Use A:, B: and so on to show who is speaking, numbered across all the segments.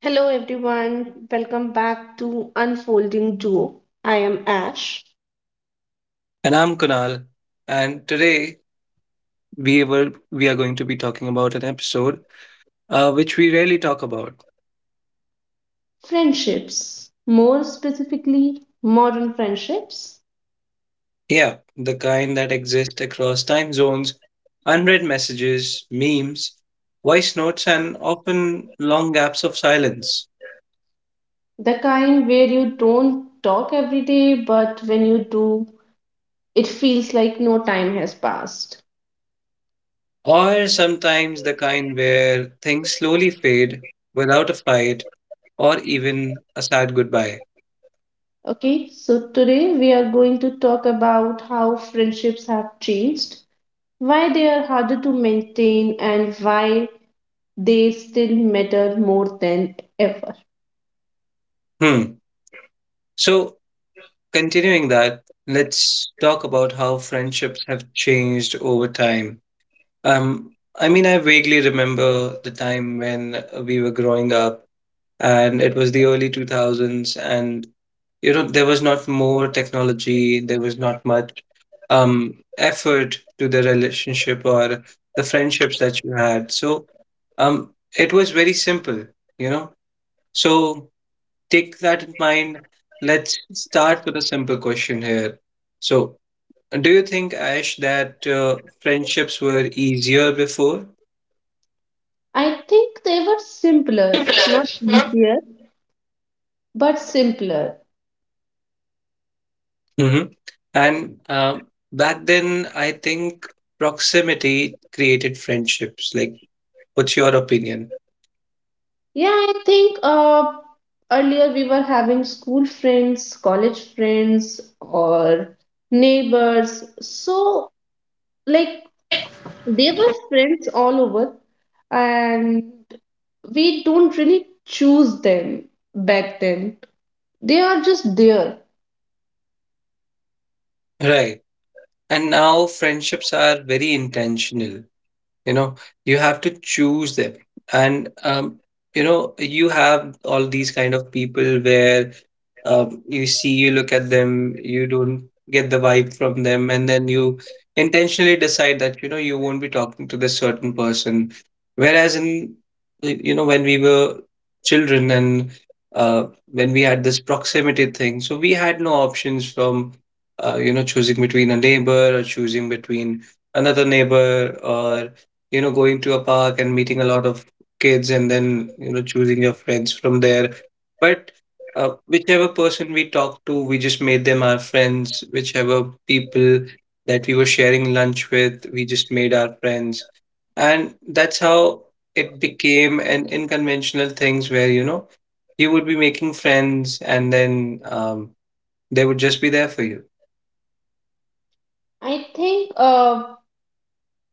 A: Hello, everyone. Welcome back to Unfolding Duo. I am Ash.
B: And I'm Kunal, and today we are going to be talking about an episode which we rarely talk about.
A: Friendships, more specifically, modern friendships,
B: Yeah, the kind that exist across time zones, unread messages, memes, voice notes, and often long gaps of silence.
A: the kind where you don't talk every day, but when you do, it feels like no time has passed.
B: Or sometimes the kind where things slowly fade without a fight or even a sad goodbye.
A: Okay, so today we are going to talk about how friendships have changed, why they are harder to maintain, and why they still matter more than ever.
B: Hmm. So continuing that, let's talk about how friendships have changed over time. Um, I mean, I vaguely remember the time when we were growing up, and it was the early 2000s, and you know, there was not more technology, there was not much effort to the relationship or the friendships that you had. So um, it was very simple, you know. So take that in mind. Let's start with a simple question here. So, do you think, Ash, that friendships were easier before?
A: I think they were simpler, not easier, but simpler.
B: Mhm. And back then, I think proximity created friendships. Like, what's your opinion?
A: Yeah, I think earlier we were having school friends, college friends, or neighbors. So, like, they were friends all over, and we don't really choose them back then. They are just there.
B: Right. And now friendships are very intentional. You know, you have to choose them, and you know, you have all these kind of people where you see, you look at them, you don't get the vibe from them, and then you intentionally decide that you know you won't be talking to this certain person, whereas in you know, when we were children, and uh, when we had this proximity thing, so we had no options from, you know, choosing between a neighbor or choosing between another neighbor or, you know, going to a park and meeting a lot of kids and then, you know, choosing your friends from there. But whichever person we talked to, we just made them our friends. Whichever people that we were sharing lunch with, we just made our friends. And that's how it became an unconventional things where, you know, you would be making friends and then they would just be there for you.
A: I think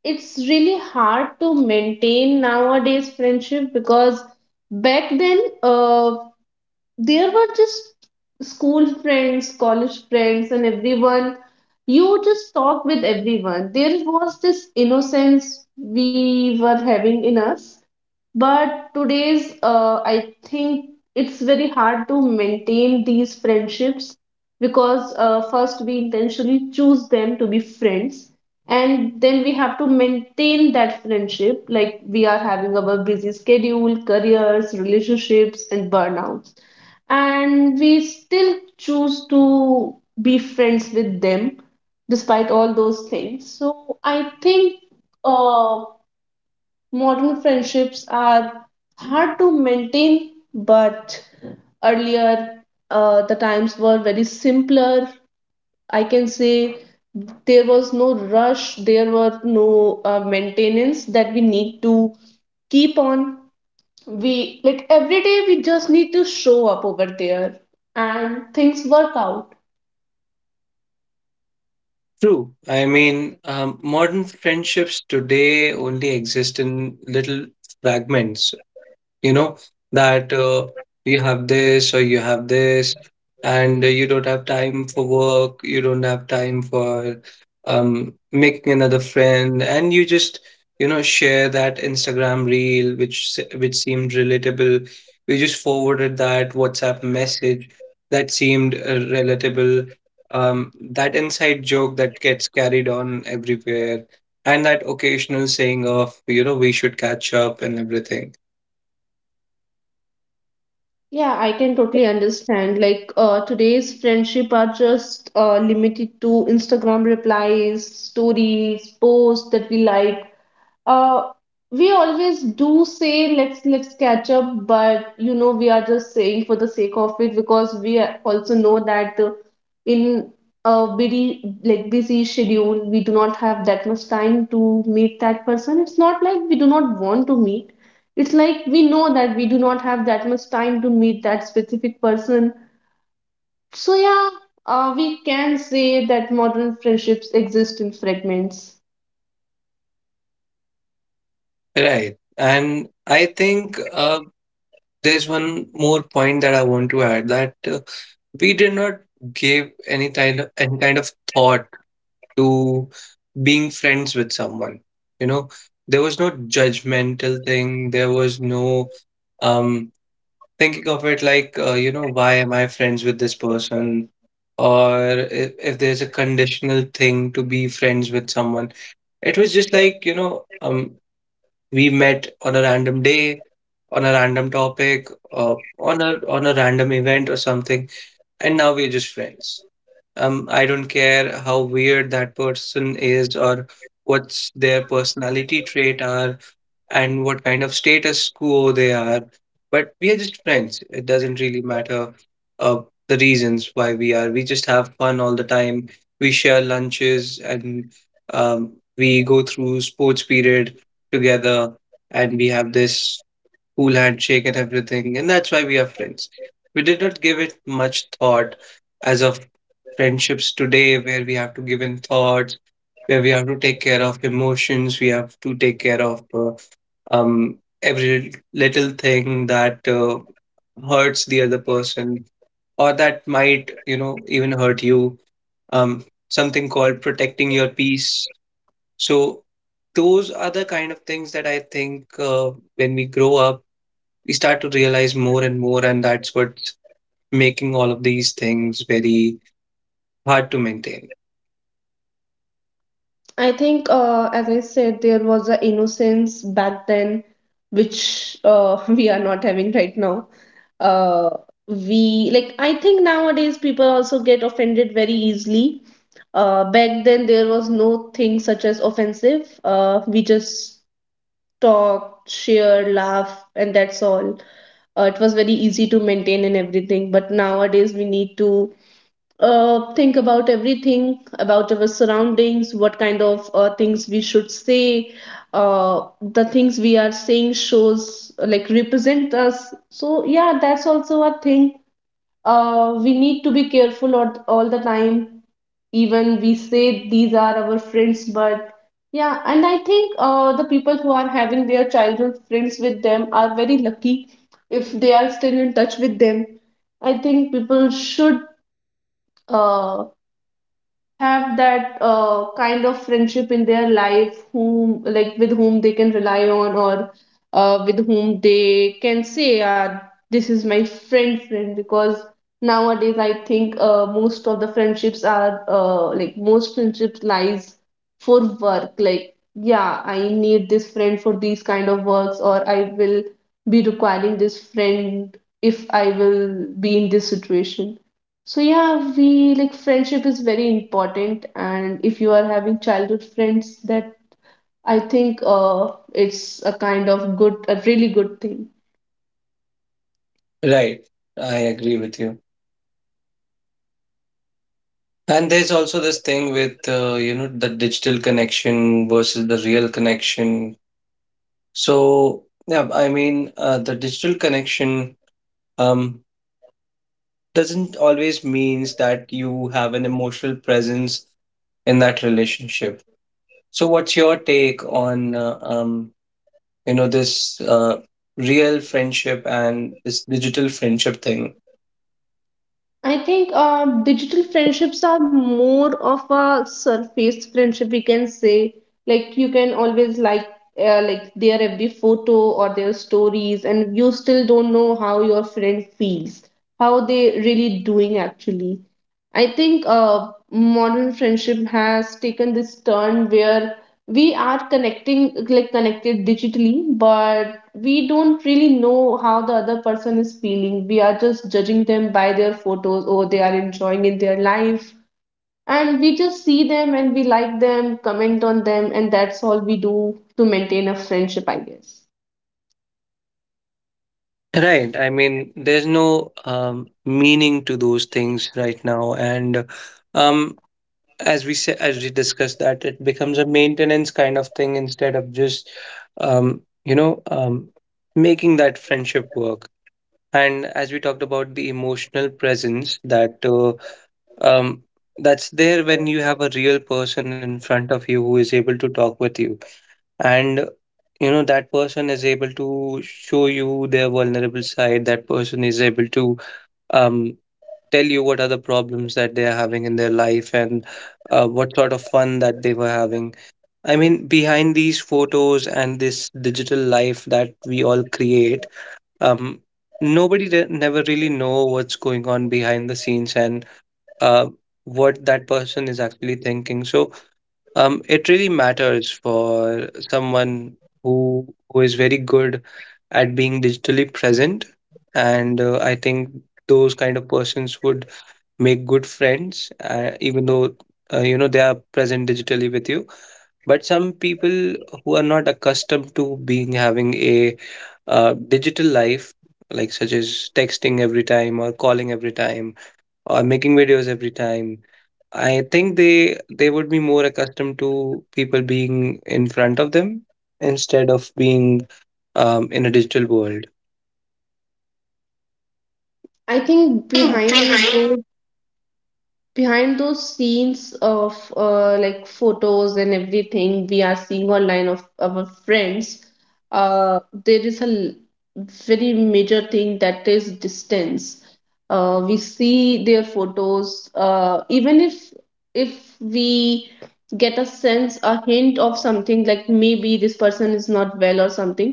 A: it's really hard to maintain nowadays friendship because back then there were just school friends, college friends, and everyone. You just talked with everyone. There was this innocence we were having in us. But today's, I think it's very hard to maintain these friendships because first we intentionally choose them to be friends, and then we have to maintain that friendship. Like we are having our busy schedule, careers, relationships, and burnouts and we still choose to be friends with them despite all those things. So I think uh, modern friendships are hard to maintain, but earlier the times were very simpler. I can say there was no rush, there were no maintenance that we need to keep on we like every day we just need to show up over there and things work out.
B: True. I mean, modern friendships today only exist in little fragments, you know. That you have this, or you have this, and you don't have time for work, you don't have time for making another friend, and you just, you know, share that instagram reel which which seemed relatable. You just forwarded that whatsapp message that seemed relatable. um, that inside joke that gets carried on everywhere, and that occasional saying of, you know, we should catch up and everything.
A: Yeah, I can totally understand, like today's friendship are just limited to Instagram replies, stories, posts that we like. uh, we always do say let's catch up, but you know we are just saying for the sake of it because also know that in a busy schedule we do not have that much time to meet that person. It's not like we do not want to meet. It's like we know that we do not have that much time to meet that specific person. So yeah, we can say that modern friendships exist in fragments.
B: Right. And I think there's one more point that I want to add, that we did not give any kind of, any kind of thought to being friends with someone. You know, there was no judgmental thing. There was no um thinking of it like, you know, why am I friends with this person, or if there's a conditional thing to be friends with someone. It was just like, you know, we met on a random day, on a random topic, on a random event or something, and now we're just friends. I don't care how weird that person is or what's their personality trait are and what kind of status quo they are, but we are just friends. It doesn't really matter uh, the reasons why we are. We just have fun all the time. We share lunches and we go through sports period together, and we have this cool handshake and everything, and that's why we are friends. We did not give it much thought as of friendships today, where we have to give in thoughts, where we have to take care of emotions, we have to take care of every little thing that hurts the other person or that might, you know, even hurt you. Um, something called protecting your peace. So those are the kind of things that I think when we grow up we start to realize more and more, and that's what's making all of these things very hard to maintain.
A: I think, as I said, there was a innocence back then, which we are not having right now. Uh, we like I think nowadays people also get offended very easily. Back then there was no thing such as offensive. We just talked, share, laugh, and that's all. It was very easy to maintain and everything. But nowadays we need to think about everything about our surroundings, what kind of things we should say. The things we are saying shows like represent us. So yeah, that's also a thing. We need to be careful all the time. Even we say these are our friends, but yeah, and I think the people who are having their childhood friends with them are very lucky if they are still in touch with them. I think people should uh, have that kind of friendship in their life whom like with whom they can rely on or with whom they can say this is my friend friend because nowadays I think most of the friendships are like most friendships lies for work, like yeah I need this friend for these kind of works or I will be requiring this friend if I will be in this situation. So yeah, we like friendship is very important, and if you are having childhood friends, that I think it's a kind of good, a really good thing.
B: Right. I agree with you. And there's also this thing with, you know, the digital connection versus the real connection. So, yeah, I mean, the digital connection um, doesn't always means that you have an emotional presence in that relationship. So, what's your take on you know, this real friendship and this digital friendship thing?
A: I think digital friendships are more of a surface friendship, we can say. Like you can always like their every photo or their stories, and you still don't know how your friend feels, how they really doing actually. I think modern friendship has taken this turn where we are connecting like connected digitally, but we don't really know how the other person is feeling. We are just judging them by their photos or they are enjoying in their life. And we just see them and we like them, comment on them, and that's all we do to maintain a friendship, I guess.
B: Right. I mean, there's no meaning to those things right now, and um, as we said, as we discussed, that it becomes a maintenance kind of thing instead of just, um, you know, um, making that friendship work. And as we talked about the emotional presence that um, that's there when you have a real person in front of you who is able to talk with you, and you know that person is able to show you their vulnerable side, that person is able to um, tell you what are the problems that they are having in their life, and what sort of fun that they were having. I mean, behind these photos and this digital life that we all create, um, nobody never really know what's going on behind the scenes, and uh, what that person is actually thinking. So it really matters for someone who is very good at being digitally present. And I think those kind of persons would make good friends, even though you know, they are present digitally with you. But some people who are not accustomed to being having a digital life, like such as texting every time or calling every time or making videos every time. I think they would be more accustomed to people being in front of them instead of being in a digital world.
A: I think behind those scenes of like photos and everything we are seeing online of our friends, uh, there is a l- very major thing that is distance. We see their photos, even if we get a sense, a hint of something like maybe this person is not well or something,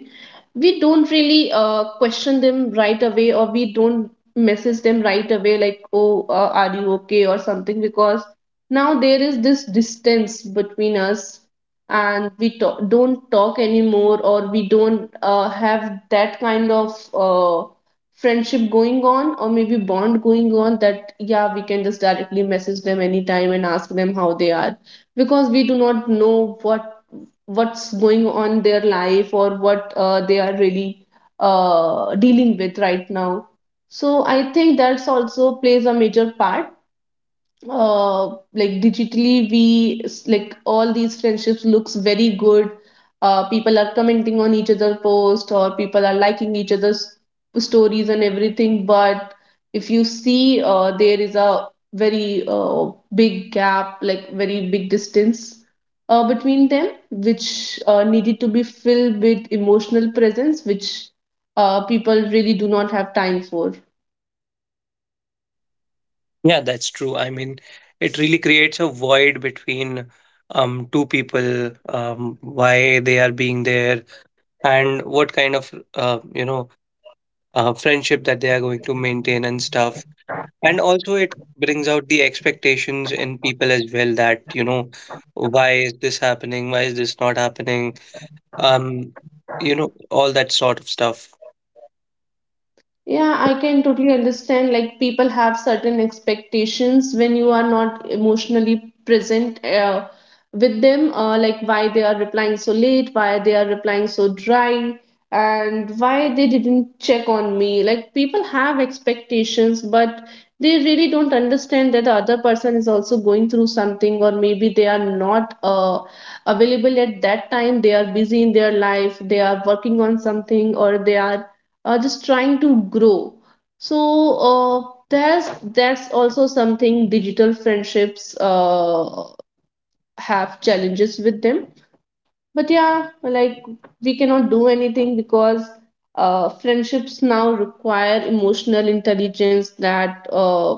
A: we don't really question them right away or we don't message them right away, like oh are you okay or something, because now there is this distance between us and don't talk anymore or we don't have that kind of friendship going on or maybe bond going on, that yeah we can just directly message them anytime and ask them how they are, because we do not know what what's going on in their life or what they are really dealing with right now. So I think that's also plays a major part. Uh, like digitally, like all these friendships looks very good. People are commenting on each other post or people are liking each other's stories and everything. But if you see, there is a very big gap, like very big distance between them, which needed to be filled with emotional presence, which people really do not have time for.
B: Yeah, that's true. I mean, it really creates a void between two people, why they are being there, and what kind of you know, friendship that they are going to maintain and stuff. And also, it brings out the expectations in people as well that, you know, why is this happening? Why is this not happening? Um, you know, all that sort of stuff.
A: Yeah, I can totally understand. Like, people have certain expectations when you are not emotionally present with them, like why they are replying so late, why they are replying so dry, and why they didn't check on me. Like, people have expectations, but they really don't understand that the other person is also going through something, or maybe they are not available at that time. They are busy in their life, they are working on something, or they are just trying to grow. So there's that's also something digital friendships have challenges with them. But yeah, like we cannot do anything because friendships now require emotional intelligence that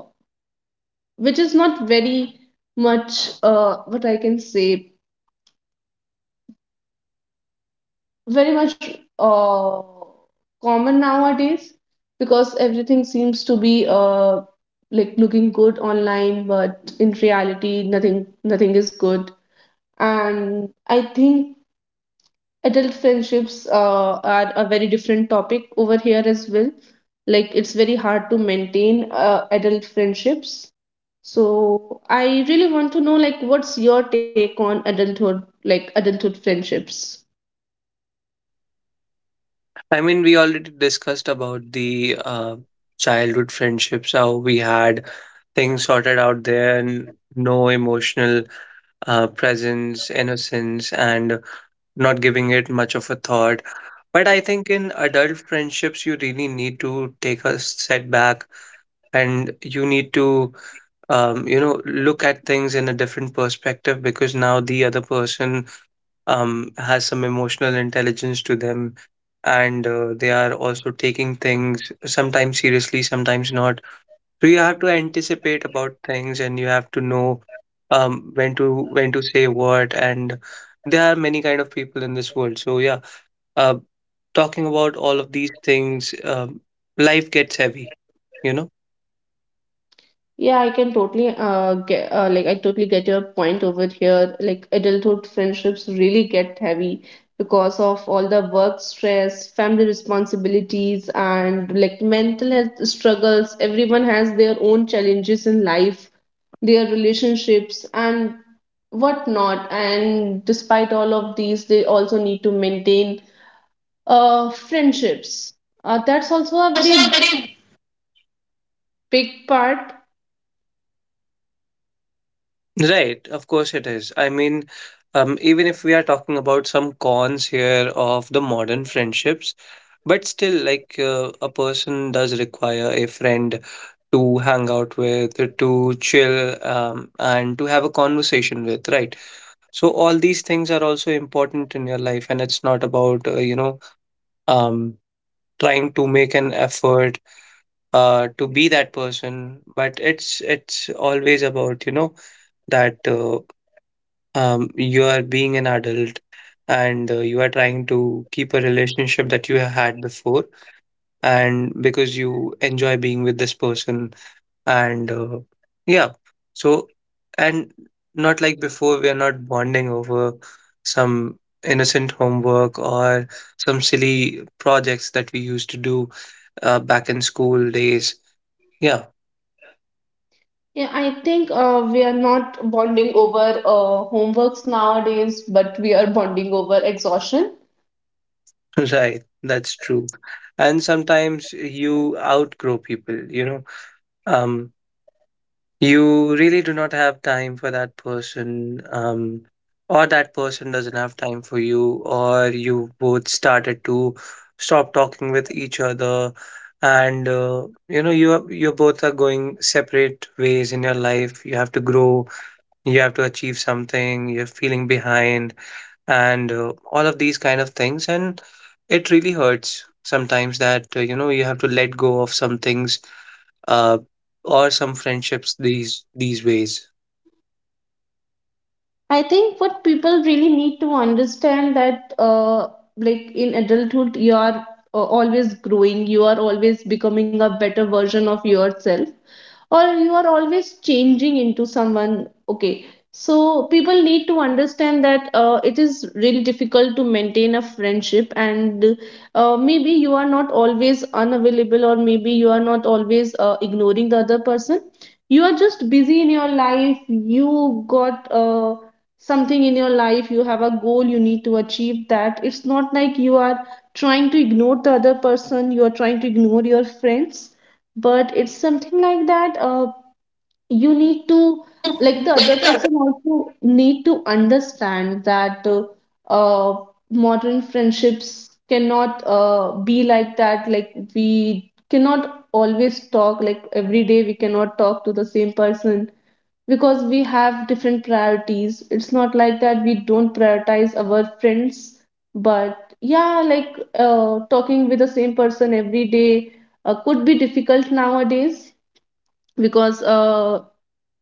A: which is not very much, what I can say, very much uh, common nowadays, because everything seems to be like looking good online, but in reality nothing is good. And I think adult friendships are a very different topic over here as well. Like it's very hard to maintain adult friendships. So I really want to know, like, what's your take on adulthood, like adulthood friendships?
B: I mean, we already discussed about the childhood friendships, how we had things sorted out there and no emotional presence, innocence, and not giving it much of a thought. But I think in adult friendships, you really need to take a step back, and you need to you know, look at things in a different perspective, because now the other person has some emotional intelligence to them, and they are also taking things sometimes seriously, sometimes not. So you have to anticipate about things, and you have to know when to, when to say what. And there are many kind of people in this world. So yeah, uh, talking about all of these things, life gets heavy, you know.
A: Yeah, I can totally get like I totally get your point over here. Like adulthood friendships really get heavy because of all the work stress, family responsibilities, and like mental health struggles. Everyone has their own challenges in life, their relationships, and whatnot. And despite all of these, they also need to maintain friendships. That's also a very big part.
B: Right, of course it is. I mean, even if we are talking about some cons here of the modern friendships, but still, like, a person does require a friend to hang out with, to chill, and to have a conversation with, right? So all these things are also important in your life, and it's not about, you know, um, trying to make an effort to be that person. But it's always about, you know, that. You are being an adult, and you are trying to keep a relationship that you had before, and because you enjoy being with this person, and yeah. So, and not like before, we are not bonding over some innocent homework or some silly projects that we used to do back in school days. Yeah.
A: Yeah, I think we are not bonding over homeworks nowadays, but we are bonding over exhaustion.
B: Right, that's true. And sometimes you outgrow people, you know. um You really do not have time for that person, or that person doesn't have time for you, or you both started to stop talking with each other, and you know, you are- you both are going separate ways in your life. You have to grow, you have to achieve something, you're feeling behind, and all of these kind of things. And it really hurts sometimes that you know, you have to let go of some things, uh, or some friendships, these ways.
A: I think what people really need to understand that, like in adulthood, you are always growing, you are always becoming a better version of yourself, or you are always changing into someone. Okay, so people need to understand that it is really difficult to maintain a friendship, and maybe you are not always unavailable, or maybe you are not always ignoring the other person. You are just busy in your life. You got something in your life, you have a goal you need to achieve. That it's not like you are trying to ignore the other person, you are trying to ignore your friends, but it's something like that you need to, like, the other person also need to understand that uh, modern friendships cannot be like that, like we cannot always talk, like every day we cannot talk to the same person because we have different priorities. It's not like that we don't prioritize our friends, but yeah, like talking with the same person every day could be difficult nowadays because uh,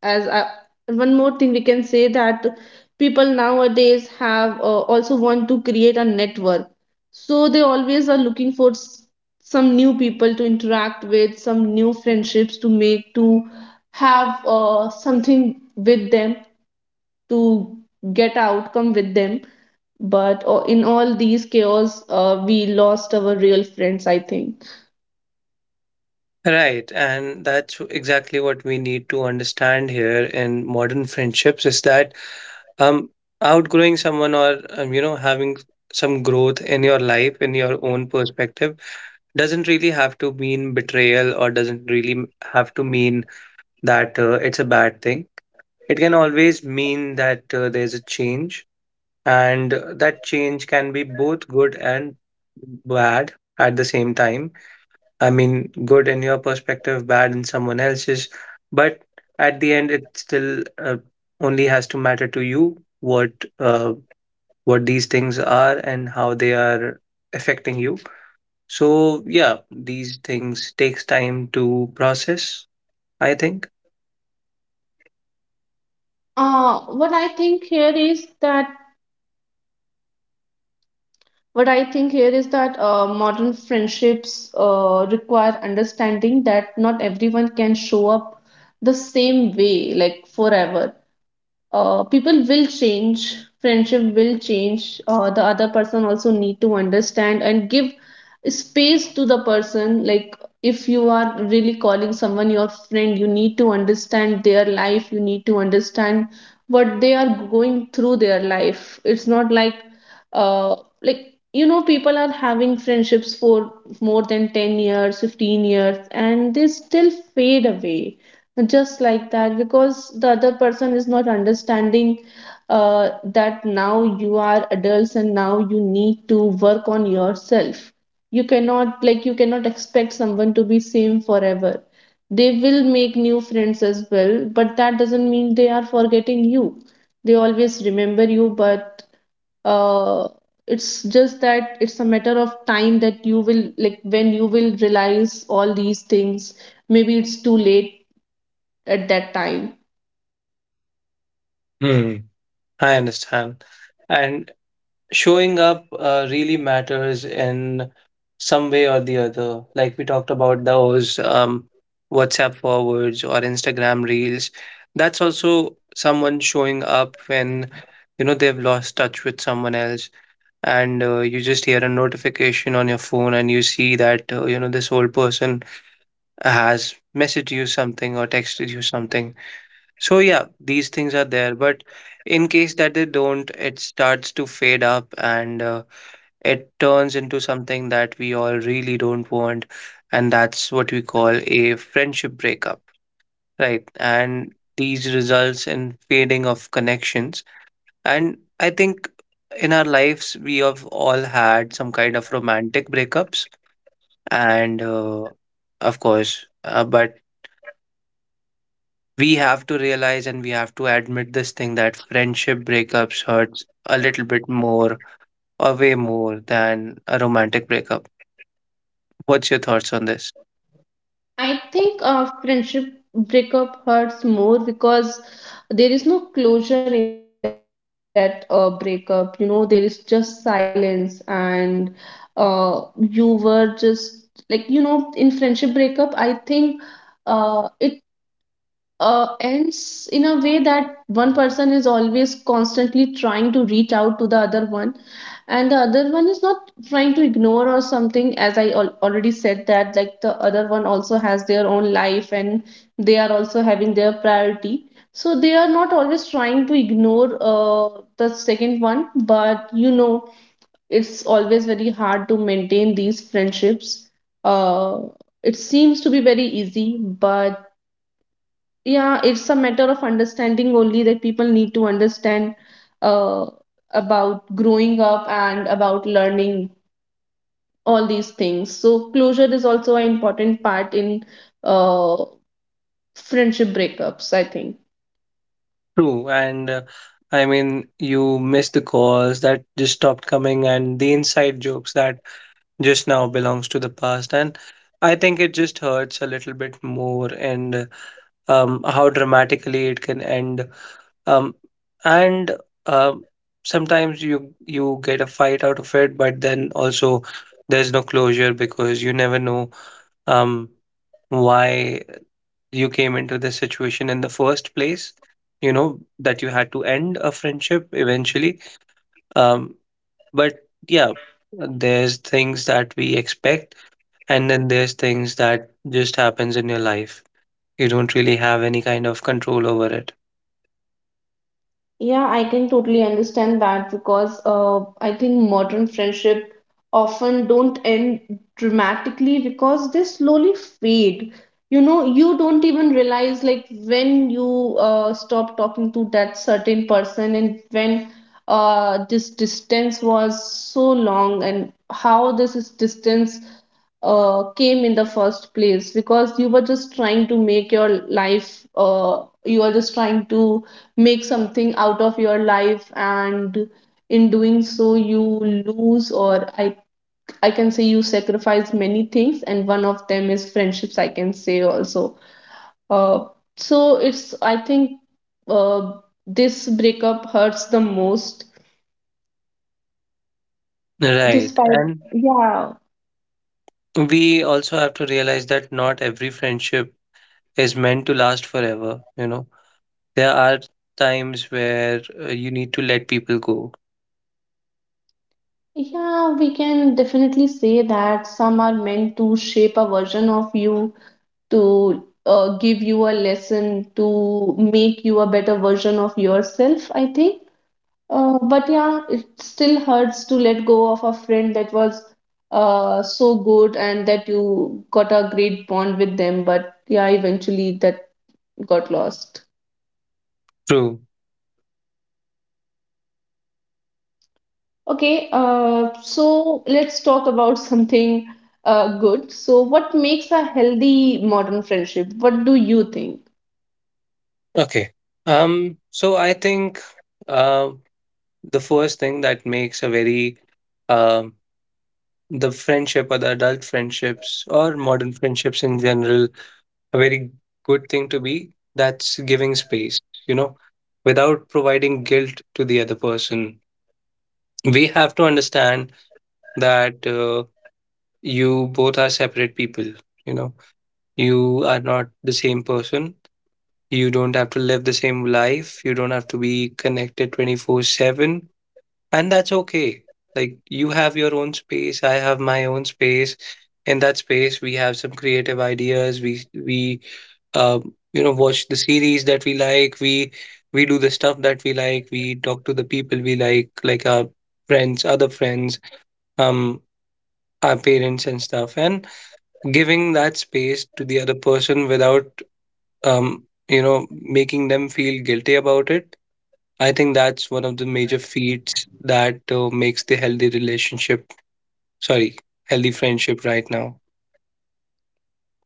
A: as I, one more thing we can say that people nowadays have also want to create a network, so they always are looking for some new people to interact with, some new friendships to make, to have something with them, to get outcome with them. But in all these chaos, we lost our real friends, I think.
B: Right, and that's exactly what we need to understand here in modern friendships, is that um outgrowing someone or, you know, having some growth in your life in your own perspective doesn't really have to mean betrayal, or doesn't really have to mean that it's a bad thing. It can always mean that there's a change, and that change can be both good and bad at the same time. I mean good in your perspective, bad in someone else's. But at the end it still only has to matter to you uh, what these things are and how they are affecting you. So yeah, these things takes time to process, I think.
A: uh, what I think here is that what I think here is that modern friendships require understanding that not everyone can show up the same way like forever. People will change, friendship will change. The other person also need to understand and give space to the person. Like, if you are really calling someone your friend, you need to understand their life, you need to understand what they are going through their life. It's not like uh, like you know, people are having friendships for more than 10 years, 15 years, and they still fade away just like that, because the other person is not understanding that now you are adults and now you need to work on yourself. You cannot like you cannot expect someone to be same forever. They will make new friends as well, but that doesn't mean they are forgetting you. They always remember you, but uh, it's just that it's a matter of time that you will like when you will realize all these things, maybe it's too late at that time.
B: Hmm, I understand. And showing up really matters in some way or the other. Like we talked about those WhatsApp forwards or Instagram reels. That's also someone showing up when, you know, they've lost touch with someone else, and you just hear a notification on your phone, and you see that, you know, this old person has messaged you something or texted you something. So yeah, these things are there, but in case that they don't, it starts to fade up and it turns into something that we all really don't want, and that's what we call a friendship breakup, right? And these results in fading of connections. And I think in our lives we have all had some kind of romantic breakups, and of course but we have to realize and we have to admit this thing that friendship breakups hurts a little bit more or way more than a romantic breakup. What's your thoughts on this?
A: I think a friendship breakup hurts more because there is no closure in that breakup. You know, there is just silence, and you were just like, you know, in friendship breakup, I think it ends in a way that one person is always constantly trying to reach out to the other one, and the other one is not trying to ignore or something. As already said that, like, the other one also has their own life, and they are also having their priority, so they are not always trying to ignore the second one. But you know, it's always very hard to maintain these friendships. uh, it seems to be very easy, but yeah, it's a matter of understanding only, that people need to understand uh, about growing up and about learning all these things. So closure is also an important part in uh, friendship breakups, I think.
B: True, and I mean, you missed the calls that just stopped coming, and the inside jokes that just now belongs to the past. And I think it just hurts a little bit more, and how dramatically it can end. Um, and um, sometimes you get a fight out of it, but then also there's no closure because you never know um why you came into this situation in the first place. You know that you had to end a friendship eventually, um but yeah, there's things that we expect, and then there's things that just happens in your life. You don't really have any kind of control over it.
A: Yeah, I can totally understand that, because I think modern friendship often don't end dramatically, because they slowly fade. You know, you don't even realize like when you stop talking to that certain person and when this distance was so long and how this is distance came in the first place, because you were just trying to make your life you are just trying to make something out of your life, and in doing so you lose, or I can say you sacrifice many things, and one of them is friendships, I can say also. Uh, so it's i think uh, this breakup hurts the most
B: Right,
A: despite,
B: and
A: yeah.
B: we also have to realize that not every friendship is meant to last forever. You know, there are times where you need to let people go.
A: Yeah, we can definitely say that some are meant to shape a version of you, to give you a lesson, to make you a better version of yourself, I think. But yeah, it still hurts to let go of a friend that was so good and that you got a great bond with them. But yeah, eventually that got lost.
B: True.
A: Okay, so let's talk about something good. So, what makes a healthy modern friendship? What do you think?
B: Okay. So I think uh, the first thing that makes a very um the friendship or the adult friendships or modern friendships in general a very good thing to be, that's giving space, you know, without providing guilt to the other person. We have to understand that you both are separate people, you know, you are not the same person. You don't have to live the same life. You don't have to be connected 24/7. And that's okay. Like, you have your own space. I have my own space. In that space, we have some creative ideas. We you know, watch the series that we like. We do the stuff that we like. We talk to the people we like our friends, other friends, um, our parents and stuff. And giving that space to the other person without, um, you know, making them feel guilty about it. I think that's one of the major feats that makes the healthy relationship, sorry, healthy friendship right now.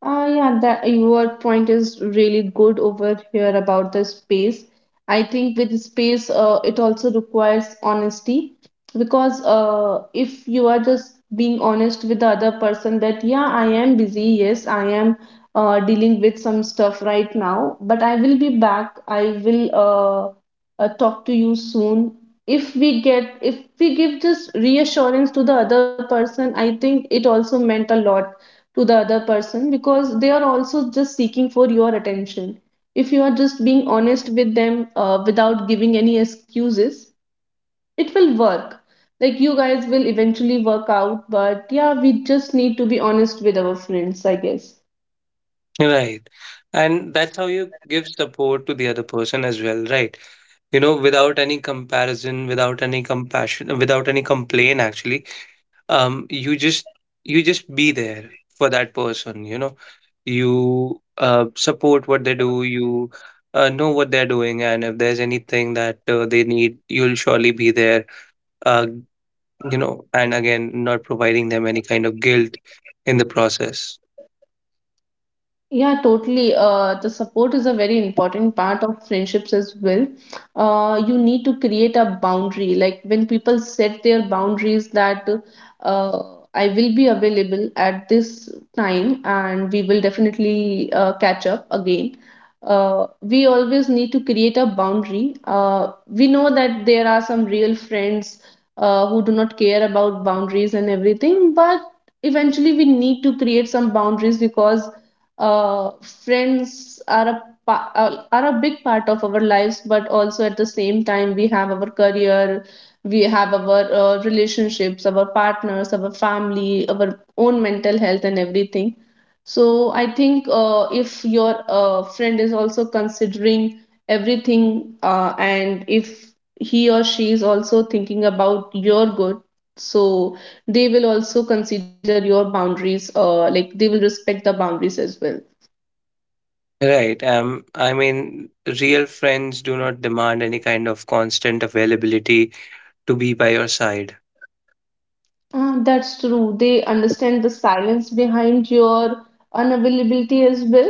A: Ah, yeah, that your point is really good over here about the space. I think with space, it also requires honesty, because if you are just being honest with the other person that, yeah, I am busy, yes, I am dealing with some stuff right now, but I will be back. I will talk to you soon. If we give just reassurance to the other person, I think it also meant a lot to the other person, because they are also just seeking for your attention. If you are just being honest with them without giving any excuses, it will work. Like, you guys will eventually work out, but yeah, we just need to be honest with our friends, I guess.
B: Right. And that's how you give support to the other person as well, right? You know, without any comparison, without any compassion, without any complaint, actually, you just, you just be there for that person. You know, you support what they do, you know what they're doing, and if there's anything that they need, you'll surely be there, uh, you know, and again, not providing them any kind of guilt in the process.
A: Yeah, totally. The support is a very important part of friendships as well. You need to create a boundary. Like, when people set their boundaries that uh, I will be available at this time and we will definitely catch up again. We always need to create a boundary. We know that there are some real friends who do not care about boundaries and everything, but eventually we need to create some boundaries, because uh, friends are are a big part of our lives, but also at the same time we have our career, we have our relationships, our partners, our family, our own mental health, and everything. So I think if your friend is also considering everything, and if he or she is also thinking about your good, so they will also consider your boundaries, like they will respect the boundaries as well.
B: Right. I mean real friends do not demand any kind of constant availability to be by your side.
A: That's true. They understand the silence behind your unavailability as well.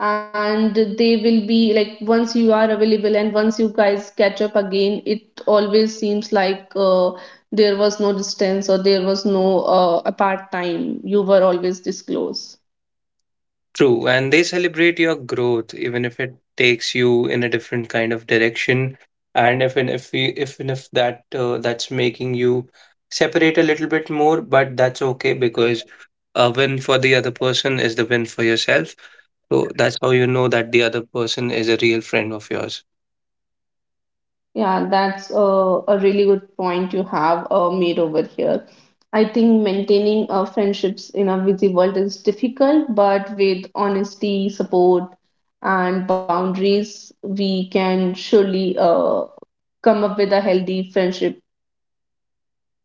A: And they will be like, once you are available and once you guys catch up again, it always seems like there was no distance or there was no apart time. You were always disclosed.
B: True, and they celebrate your growth, even if it takes you in a different kind of direction, and even if you, even if that that's making you separate a little bit more, but that's okay because a win for the other person is the win for yourself. So that's how you know that the other person is a real friend of yours.
A: Yeah, that's a really good point you have made over here. I think maintaining friendships in a busy world is difficult, but with honesty, support, and boundaries, we can surely come up with a healthy friendship.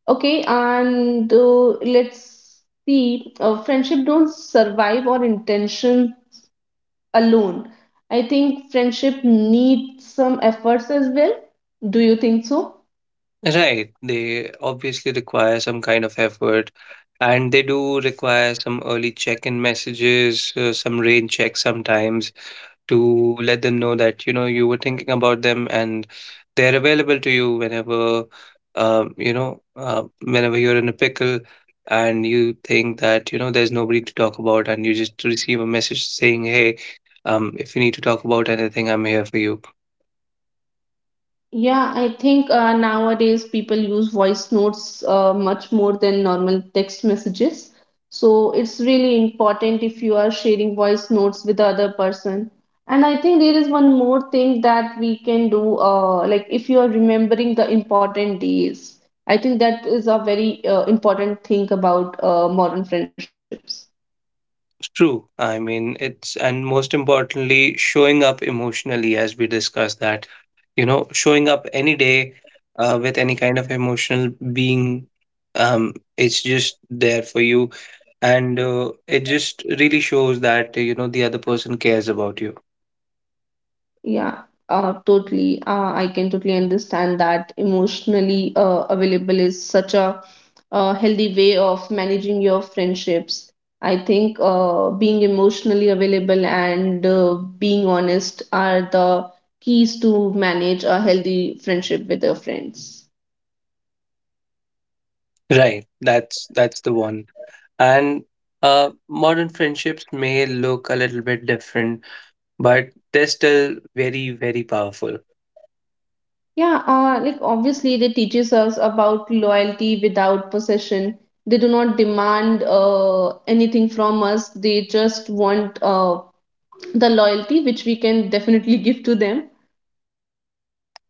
A: Okay, and let's see. Friendship don't survive on intention alone. I think friendship needs some efforts as well. Do you think so?
B: Right, they obviously require some kind of effort, and they do require some early check-in messages, some rain checks sometimes, to let them know that, you know, you were thinking about them and they're available to you whenever. You know, whenever you're in a pickle and you think that, you know, there's nobody to talk about, and you just receive a message saying, hey, if you need to talk about anything, I'm here for you.
A: Yeah, I think nowadays people use voice notes much more than normal text messages. So it's really important if you are sharing voice notes with the other person. And I think there is one more thing that we can do, like if you are remembering the important days. I think that is a very important thing about modern friendships.
B: True. I mean, it's, and most importantly, showing up emotionally, as we discussed, that, you know, showing up any day with any kind of emotional being, it's just there for you. And it just really shows that, you know, the other person cares about you.
A: Yeah, totally. I can totally understand that emotionally available is such a, healthy way of managing your friendships. I think being emotionally available and being honest are the keys to manage a healthy friendship with your friends.
B: Right. That's the one. And modern friendships may look a little bit different, but they're still very, very powerful.
A: Yeah, like obviously they teaches us about loyalty without possession. They do not demand anything from us. They just want the loyalty which we can definitely give to them.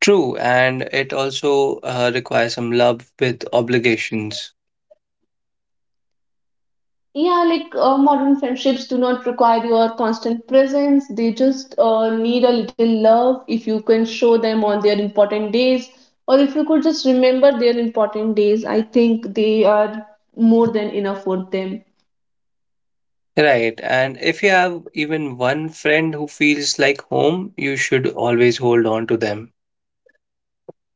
B: True, and it also requires some love with obligations.
A: Yeah, like modern friendships do not require your constant presence, they just need a little love if you can show them on their important days, or if you could just remember their important days, I think they are more than enough for them.
B: Right, and if you have even one friend who feels like home, you should always hold on to them.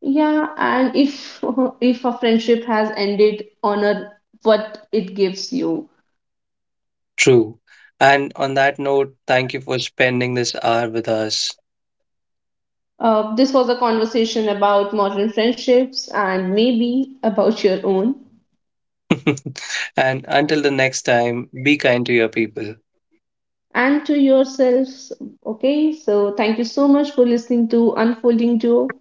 A: Yeah, and if if a friendship has ended, honor what it gives you.
B: True. And on that note, thank you for spending this hour with us.
A: This was a conversation about modern friendships and maybe about your own.
B: And until the next time, be kind to your people.
A: And to yourselves. Okay, so thank you so much for listening to Unfolding Joe.